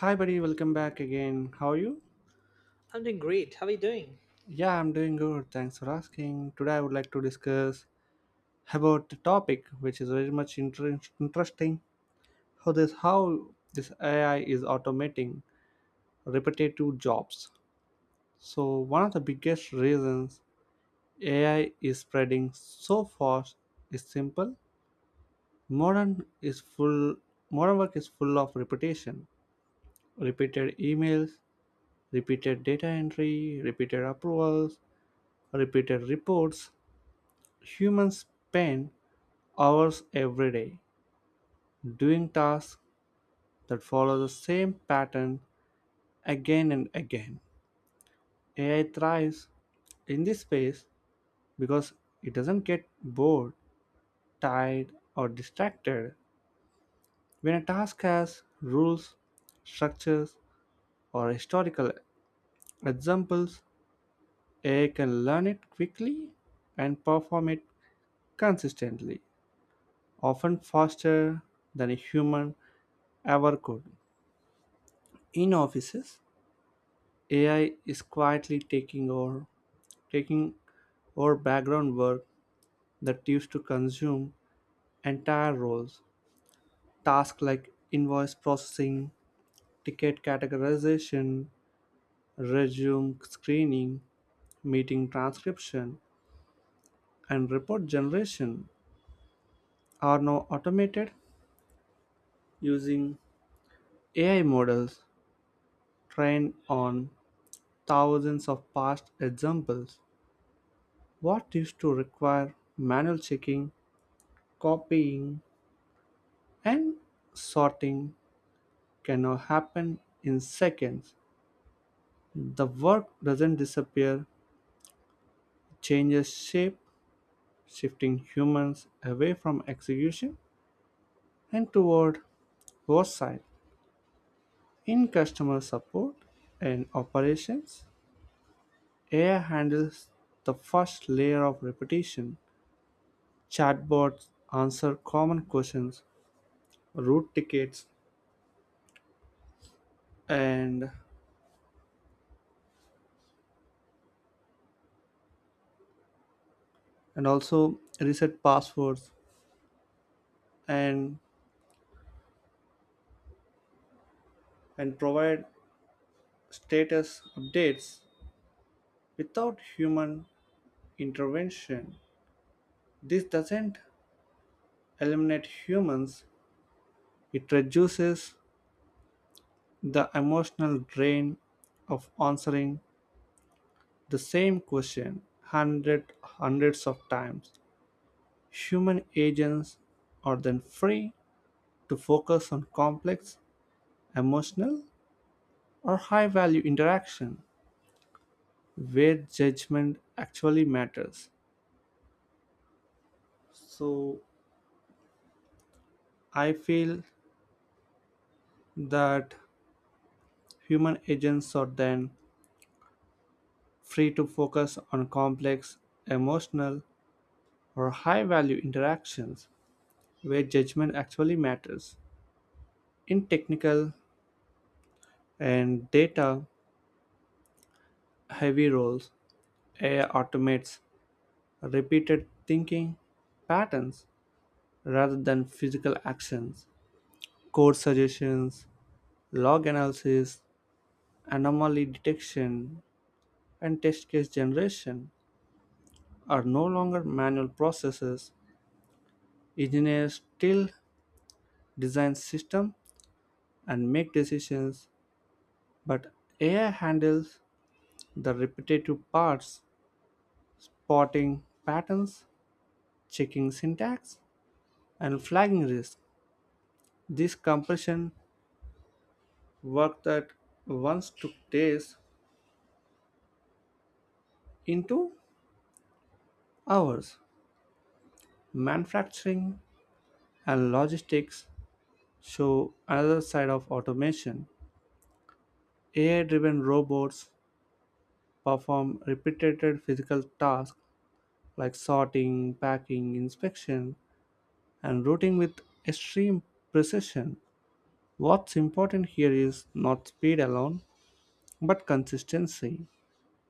Hi, buddy. Welcome back again. How are you? I'm doing great. How are you doing? Yeah, I'm doing good. Thanks for asking. Today, I would like to discuss about the topic, which is very much interesting. How this AI is automating repetitive jobs. So, one of the biggest reasons AI is spreading so fast is simple. Modern is full. Modern work is full of repetition, repeated emails, repeated data entry, repeated approvals, repeated reports. Humans spend hours every day doing tasks that follow the same pattern again and again. AI thrives in this space because it doesn't get bored, tired, or distracted. When a task has rules, structures, or historical examples, AI can learn it quickly and perform it consistently, often faster than a human ever could. In offices, AI is quietly taking over background work that used to consume entire roles. Tasks like invoice processing, ticket categorization, resume screening, meeting transcription, and report generation are now automated using AI models trained on thousands of past examples. What used to require manual checking, copying, and sorting can now happen in seconds. The work doesn't disappear, it changes shape, shifting humans away from execution and toward oversight. In customer support and operations, AI handles the first layer of repetition. Chatbots answer common questions, route tickets, and and also reset passwords and and provide status updates without human intervention. This doesn't eliminate humans, it reduces the emotional drain of answering the same question hundreds of times. Human agents are then free to focus on complex, emotional, or high value interaction where judgment actually matters. So I feel that Human agents are then free to focus on complex, emotional, or high value interactions where judgment actually matters. In technical and data heavy roles, AI automates repeated thinking patterns rather than physical actions. Code suggestions, log analysis, anomaly detection, and test case generation are no longer manual processes. Engineers still design systems and make decisions, but AI handles the repetitive parts, spotting patterns, checking syntax, and flagging risk. This compression work that once took days into hours. Manufacturing and logistics show another side of automation. AI driven robots perform repeated physical tasks like sorting, packing, inspection, and routing with extreme precision. What's important here is not speed alone, but consistency.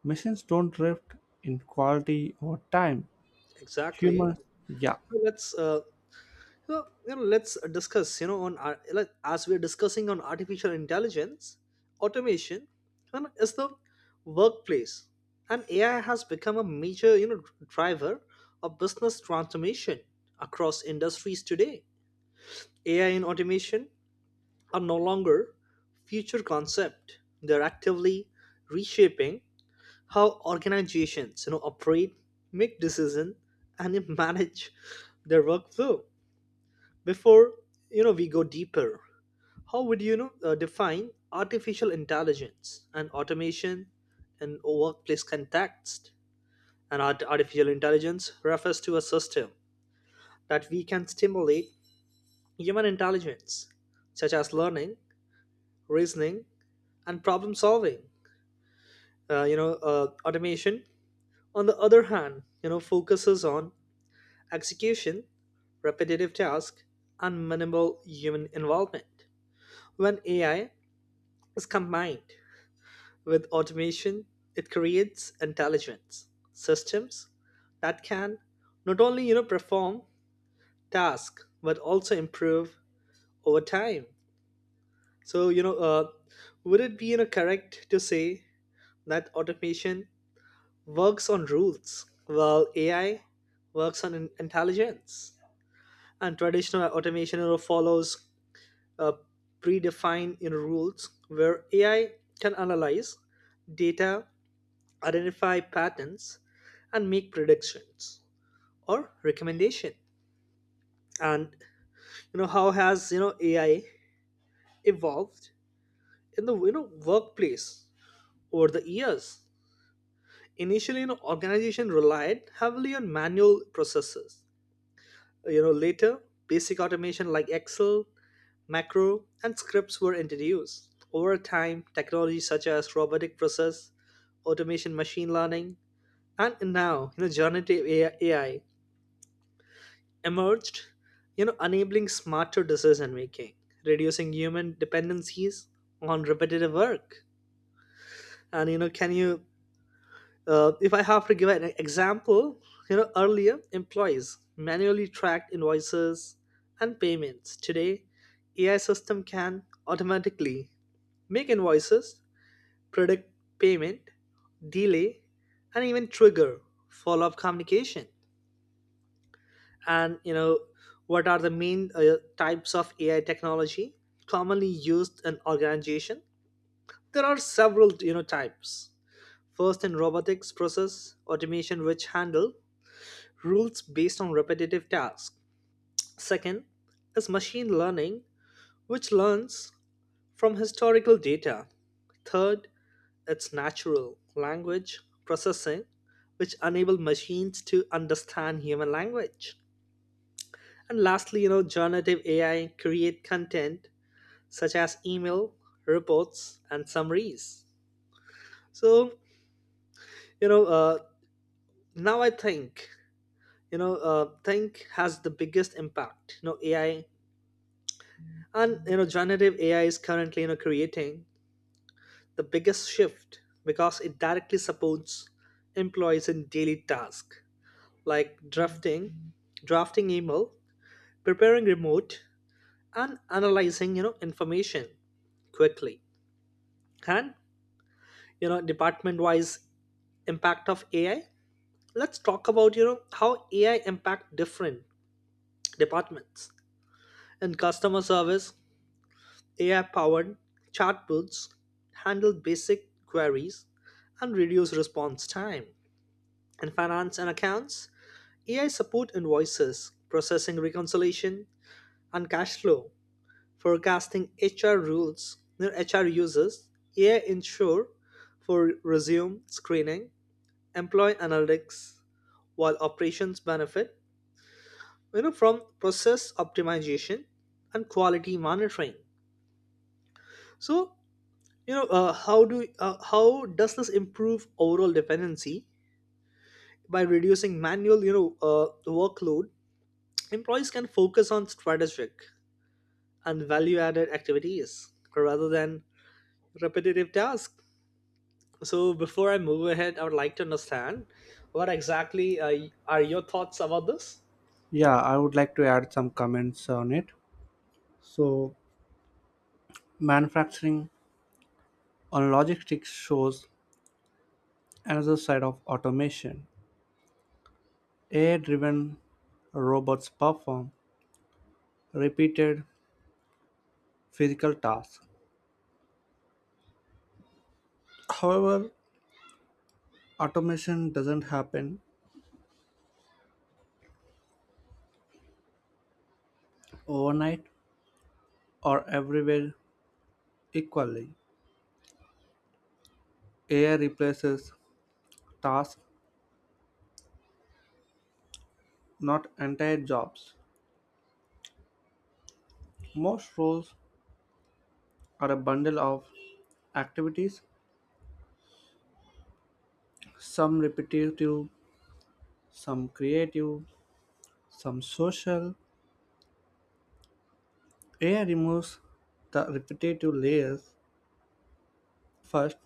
Machines don't drift in quality or time. Exactly. Humans, yeah. So let's discuss. Like, as we're discussing on artificial intelligence, automation, and is the workplace, and AI has become a major driver of business transformation across industries today. AI and automation are no longer future concept. They're actively reshaping how organizations operate, make decisions, and then manage their workflow before we go deeper. How would you know define artificial intelligence and automation in a workplace context? Artificial intelligence refers to a system that we can stimulate human intelligence such as learning, reasoning, and problem solving. Automation, on the other hand, focuses on execution, repetitive tasks, and minimal human involvement. When AI is combined with automation, it creates intelligence systems that can not only perform tasks but also improve over time. So would it be correct to say that automation works on rules while AI works on intelligence? And Traditional automation, follows uh, predefined in rules where AI can analyze data, identify patterns, and make predictions or recommendation. And how has AI evolved in the workplace over the years? Initially, organization relied heavily on manual processes. Later basic automation like Excel Macro and scripts were introduced. Over time, technologies such as robotic process, automation, machine learning, and now generative AI emerged, enabling smarter decision making, reducing human dependencies on repetitive work. And can you, if I have to give an example, earlier employees manually tracked invoices and payments. Today, AI system can automatically make invoices, predict payment, delay, and even trigger follow-up communication. And what are the main types of AI technology commonly used in organization? There are several types. First in robotics process automation which handle rules based on repetitive tasks. Second is machine learning which learns from historical data. Third its natural language processing, which enable machines to understand human language. And lastly, generative AI create content such as email, reports, and summaries. So, you know, uh, now I think, think has the biggest impact. AI and generative AI is currently creating the biggest shift because it directly supports employees in daily tasks like drafting email, preparing remote, and analyzing information quickly. And department-wise impact of AI. Let's talk about how AI impact different departments. In customer service, AI-powered chatbots handle basic queries and reduce response time. In finance and accounts, AI support invoices, processing reconciliation, and cash flow. Forecasting HR uses AI ensure for resume screening, employee analytics, while operations benefit from process optimization and quality monitoring. So how do how does this improve overall dependency by reducing manual workload? Employees can focus on strategic and value added activities rather than repetitive tasks. So before I move ahead, I would like to understand what exactly are your thoughts about this? Yeah, I would like to add some comments on it. So, manufacturing on logistics shows another side of automation. AI driven robots perform repeated physical tasks. However, automation doesn't happen overnight. Are everywhere equally. AI replaces tasks, not entire jobs. Most roles are a bundle of activities, some repetitive, some creative, some social. AI removes the repetitive layers first.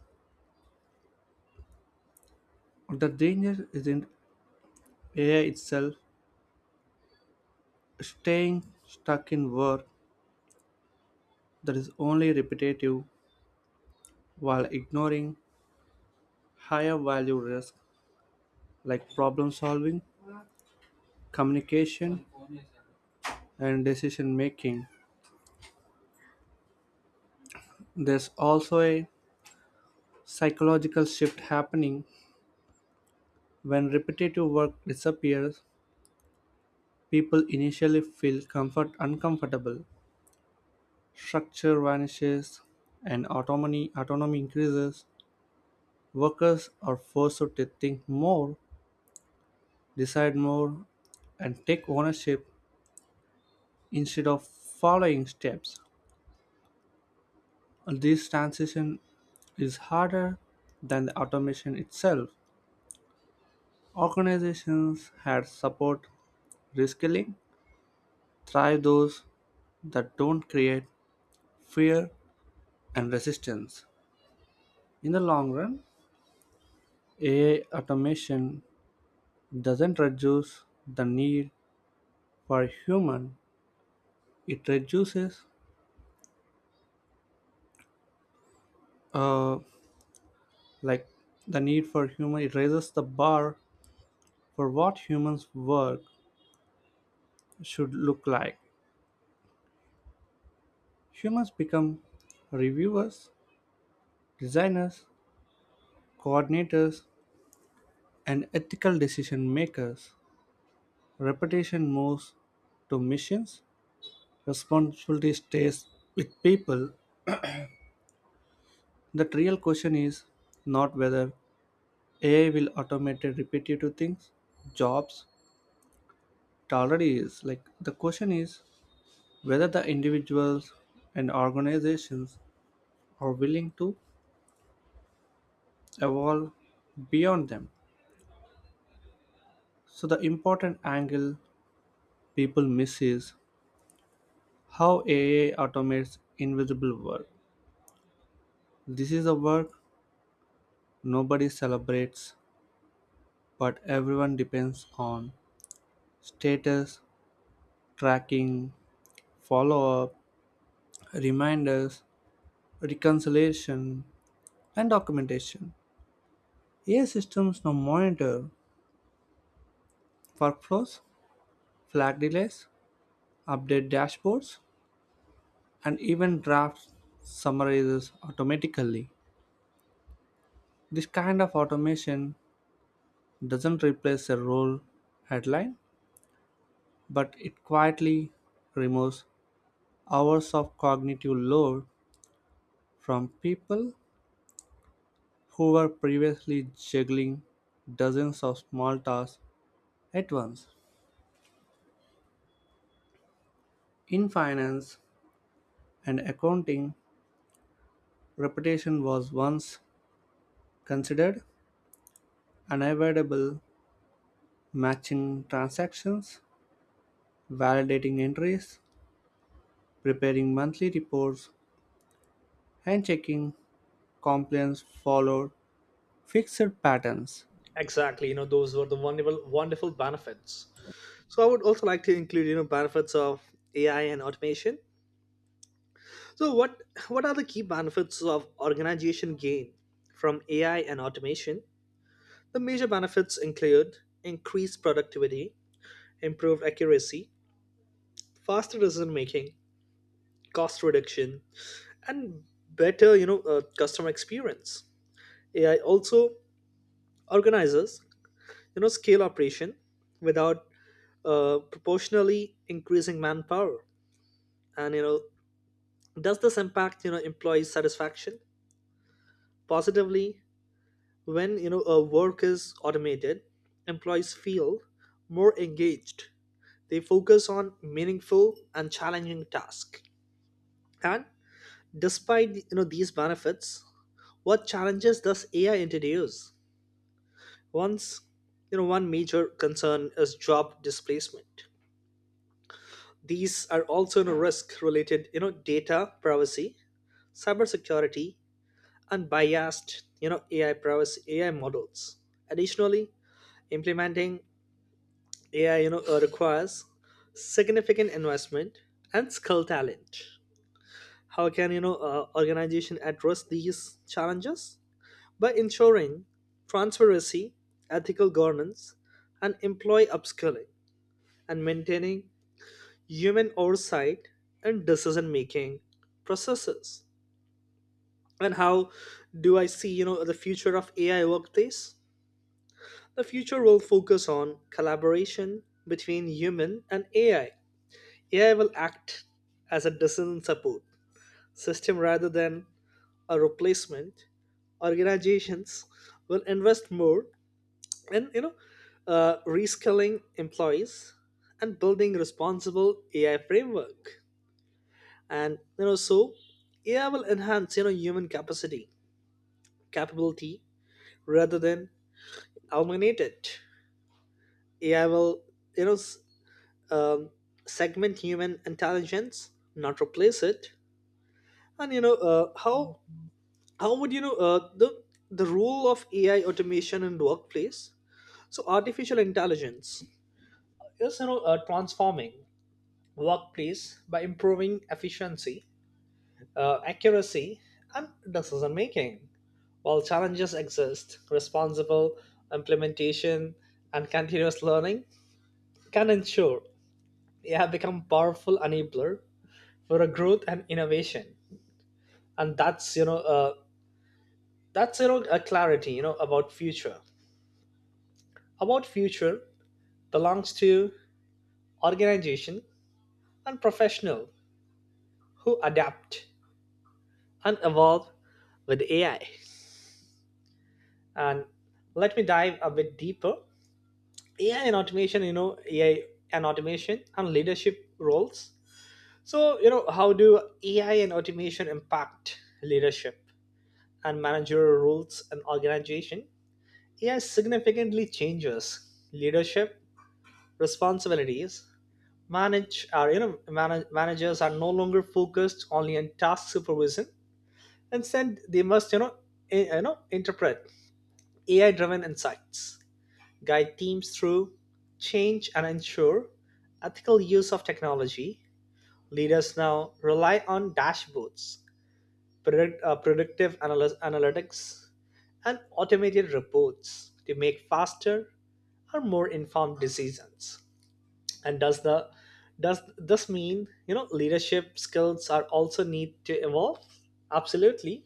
The danger isn't AI itself staying stuck in work that is only repetitive while ignoring higher value risks like problem solving, communication, and decision making. There's also a psychological shift happening when repetitive work disappears. People initially feel comfort uncomfortable, structure vanishes, and autonomy increases. Workers are forced to think more, decide more, and take ownership instead of following steps. This transition is harder than the automation itself. Organizations had support reskilling thrive those that don't create fear and resistance. In the long run, AI automation doesn't reduce the need for human, it reduces uh, like the need for human, it raises the bar for what humans work should look like. Humans become reviewers, designers, coordinators, and ethical decision makers. Reputation moves to missions, responsibility stays with people. The real question is not whether AI will automate repetitive things, jobs, it already is. Like the question is whether the individuals and organizations are willing to evolve beyond them. So the important angle people miss is how AI automates invisible work. This is the work nobody celebrates, but everyone depends on: status, tracking, follow up, reminders, reconciliation, and documentation. AI systems now monitor workflows, flag delays, update dashboards, and even draft summarizes automatically. This kind of automation doesn't replace a role headline, but it quietly removes hours of cognitive load from people who were previously juggling dozens of small tasks at once. In finance and accounting, repetition was once considered unavoidable. Matching transactions, validating entries, preparing monthly reports, and checking compliance followed fixed patterns. Exactly, those were the wonderful benefits. So I would also like to include, benefits of AI and automation. So what are the key benefits of organization gain from AI and automation? The major benefits include increased productivity, improved accuracy, faster decision making, cost reduction, and better, customer experience. AI also organizes, scale operation without proportionally increasing manpower. And does this impact employee satisfaction positively? When a work is automated, employees feel more engaged. They focus on meaningful and challenging tasks. And despite these benefits, what challenges does AI introduce? Once one major concern is job displacement. These are also no risk related, data privacy, cybersecurity, and biased, AI models. Additionally, implementing AI, requires significant investment and skill talent. How can organization address these challenges by ensuring transparency, ethical governance, and employee upskilling, and maintaining human oversight and decision making processes? And how do I see the future of AI workplace? The future will focus on collaboration between human and AI. AI will act as a decision support system rather than a replacement. Organizations will invest more in reskilling employees and building responsible AI framework. And AI will enhance human capacity capability rather than eliminate it. AI will you know s- um, segment human intelligence, not replace it. And how would you know the role of AI automation in workplace? So artificial intelligence is transforming workplace by improving efficiency, accuracy, and decision making. While challenges exist, responsible implementation and continuous learning can ensure they have become powerful enabler for a growth and innovation. And that's a clarity about future. About future belongs to organization and professional who adapt and evolve with AI. And let me dive a bit deeper. AI and automation, AI and automation and leadership roles. So, how do AI and automation impact leadership and managerial roles in organization? AI significantly changes leadership responsibilities. Manage are you know manage, Managers are no longer focused only on task supervision. Instead, they must interpret AI-driven insights, guide teams through change, and ensure ethical use of technology. Leaders now rely on dashboards, analytics, and automated reports to make faster or more informed decisions. And does this mean leadership skills are also need to evolve? Absolutely.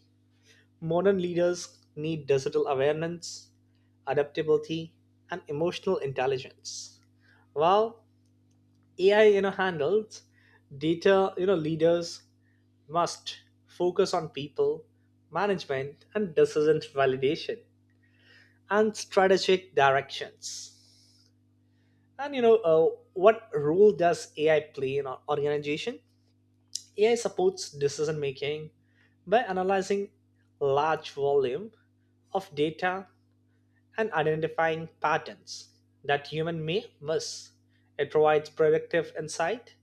Modern leaders need digital awareness, adaptability, and emotional intelligence. While AI handles data, leaders must focus on people, management, and decision validation and strategic directions. And what role does AI play in our organization? AI supports decision making by analyzing large volume of data and identifying patterns that human may miss. It provides predictive insight,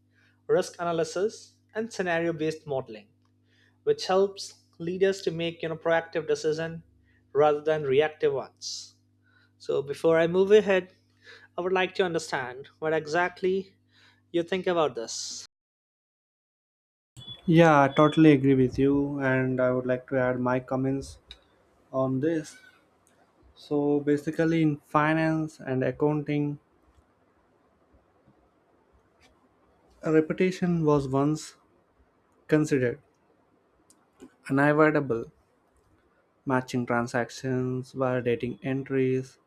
risk analysis, and scenario based modeling which helps leaders to make proactive decision rather than reactive ones. So before I move ahead, I would like to understand what exactly you think about this. Yeah, I totally agree with you, and I would like to add my comments on this. So basically, in finance and accounting, a reputation was once considered unavoidable. Matching transactions, validating entries,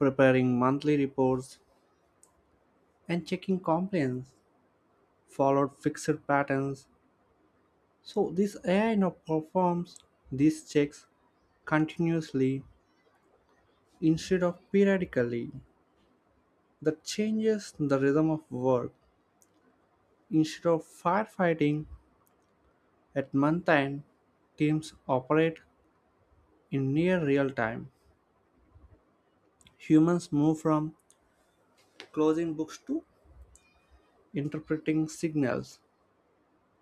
preparing monthly reports, and checking compliance followed fixed patterns. So this AI now performs these checks continuously instead of periodically. That changes the rhythm of work. Instead of firefighting at month end, teams operate in near real time. Humans move from closing books to interpreting signals,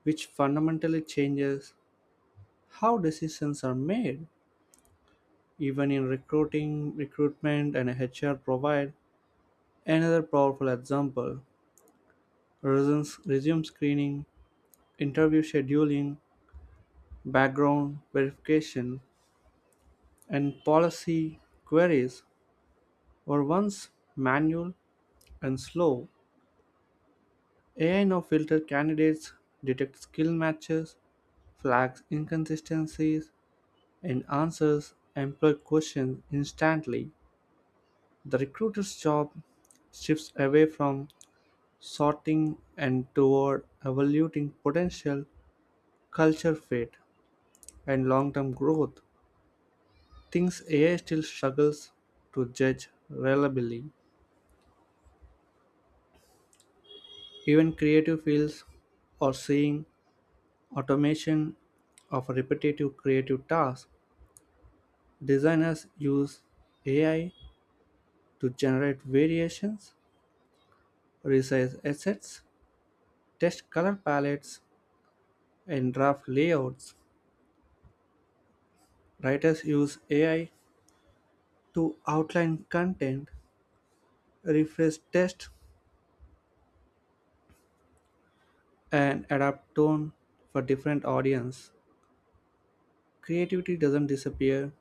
which fundamentally changes how decisions are made. Even in recruitment and HR provide another powerful example. Resume screening, interview scheduling, background verification, and policy queries were once manual and slow. AI now filters candidates, detects skill matches, flags inconsistencies in answers employed questions instantly. The recruiter's job shifts away from sorting and toward evaluating potential culture fit and long-term growth. Things AI still struggles to judge reliably. Even creative fields are seeing automation of repetitive creative tasks. Designers use AI to generate variations, resize assets, test color palettes, and draft layouts. Writers use AI to outline content, refresh text, and adapt tone for different audience. Creativity doesn't disappear,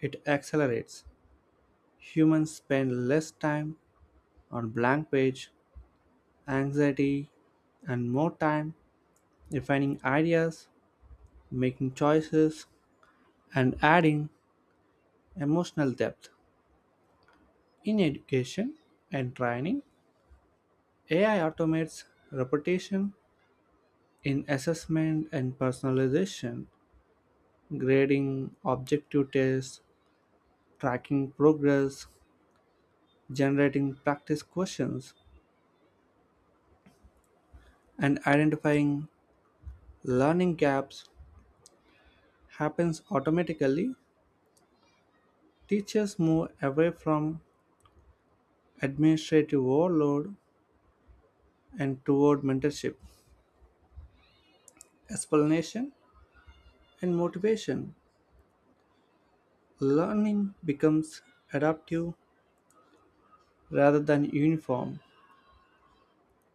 it accelerates. Humans spend less time on blank page, anxiety, and more time refining ideas, making choices, and adding emotional depth. In education and training, AI automates repetition in assessment and personalization. Grading objective tests, tracking progress, generating practice questions, and identifying learning gaps happens automatically. Teachers move away from administrative overload and toward mentorship, explanation, and motivation. Learning becomes adaptive rather than uniform,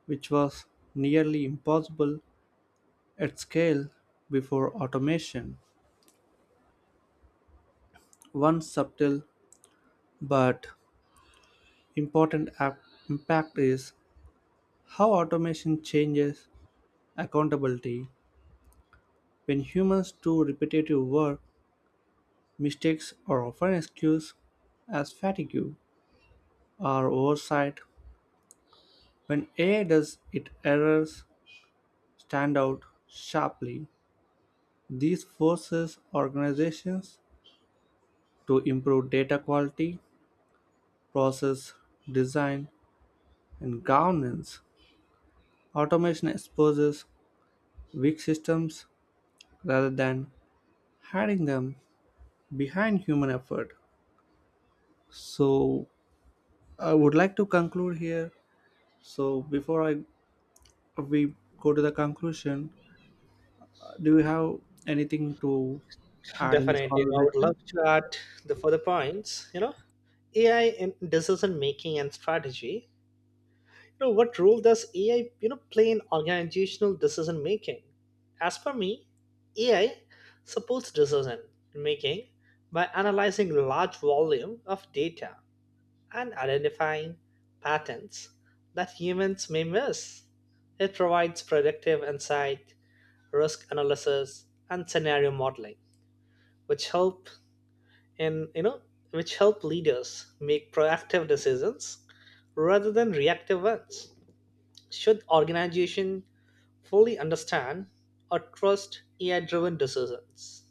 which was nearly impossible at scale before automation. One subtle but important impact is how automation changes accountability. When humans do repetitive work, mistakes are often excused as fatigue or oversight. When AI does it, errors stand out sharply. These forces organizations to improve data quality, process, design, and governance. Automation exposes weak systems rather than hiding them behind human effort. So, I would like to conclude here. So, before I We go to the conclusion, do you have anything to add in this Definitely, I would love conversation? to add the further points. AI in decision making and strategy. What role does AI play in organizational decision making? As per me, AI supports decision making by analyzing large volume of data and identifying patterns that humans may miss. It provides predictive insight, risk analysis, and scenario modeling, which help in you know which help leaders make proactive decisions rather than reactive ones. Should organization fully understand or trust AI-driven decisions?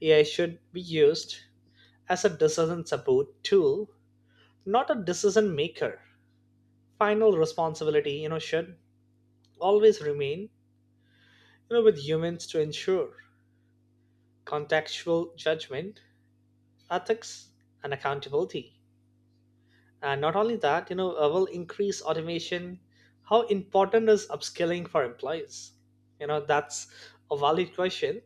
AI should be used as a decision support tool, not a decision maker. Final responsibility should always remain with humans to ensure contextual judgment, ethics, and accountability. And not only that, will increase automation. How important is upskilling for employees? That's a valid question.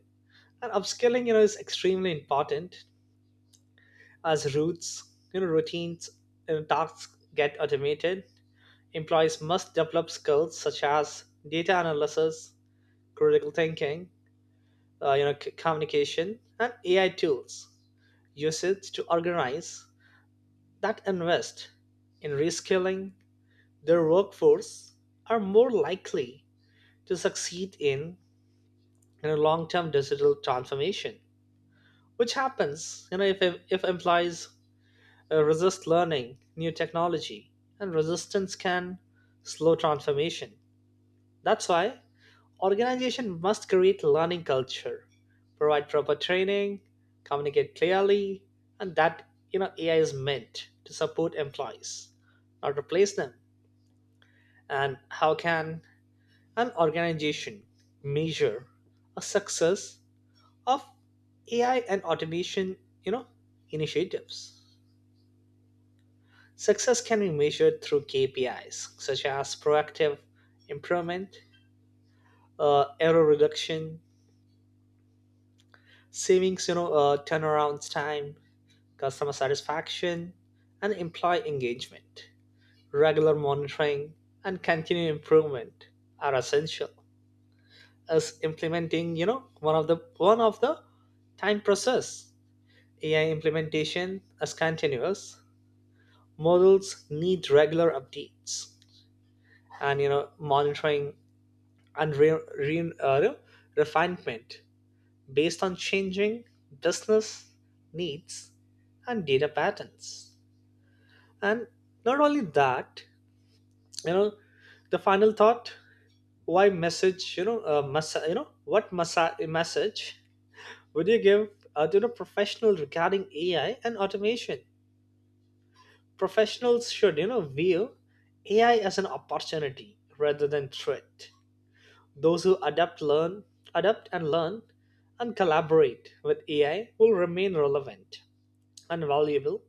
And upskilling is extremely important. As routes you know routines and tasks get automated, employees must develop skills such as data analysis, critical thinking, communication, and AI tools usage. To organize that invest in reskilling their workforce are more likely to succeed in a long-term digital transformation, which happens, if employees resist learning new technology, and resistance can slow transformation. That's why organization must create learning culture, provide proper training, communicate clearly, and that AI is meant to support employees, not replace them. And how can an organization measure a success of AI and automation, you know, initiatives? Success can be measured through KPIs such as proactive improvement, error reduction, savings, turnaround time, customer satisfaction, and employee engagement. Regular monitoring and continued improvement are essential as implementing, one of the time process. AI implementation is continuous. Models need regular updates and monitoring and refinement based on changing business needs and data patterns. And not only that, you know the final thought. Why message you know massa you know what massa- message would you give to the professional regarding AI and automation? Professionals should view AI as an opportunity rather than threat. Those who adapt learn adapt and learn and collaborate with AI will remain relevant and valuable.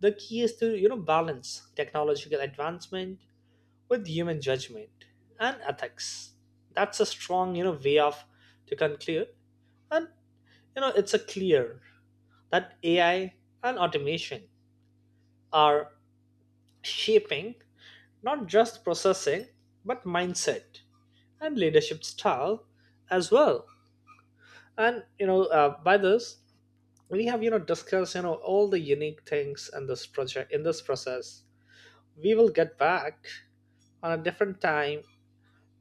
The key is to balance technological advancement with human judgment and ethics. That's a strong, way of to conclude. And it's a clear that AI and automation are shaping not just processing but mindset and leadership style as well. And by this we have discussed all the unique things in this project in this process. We will get back on a different time.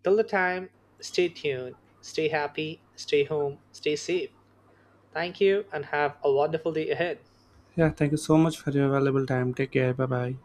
Till the time, stay tuned, stay happy, stay home, stay safe. Thank you, and have a wonderful day ahead. Yeah, thank you so much for your valuable time. Take care. Bye bye.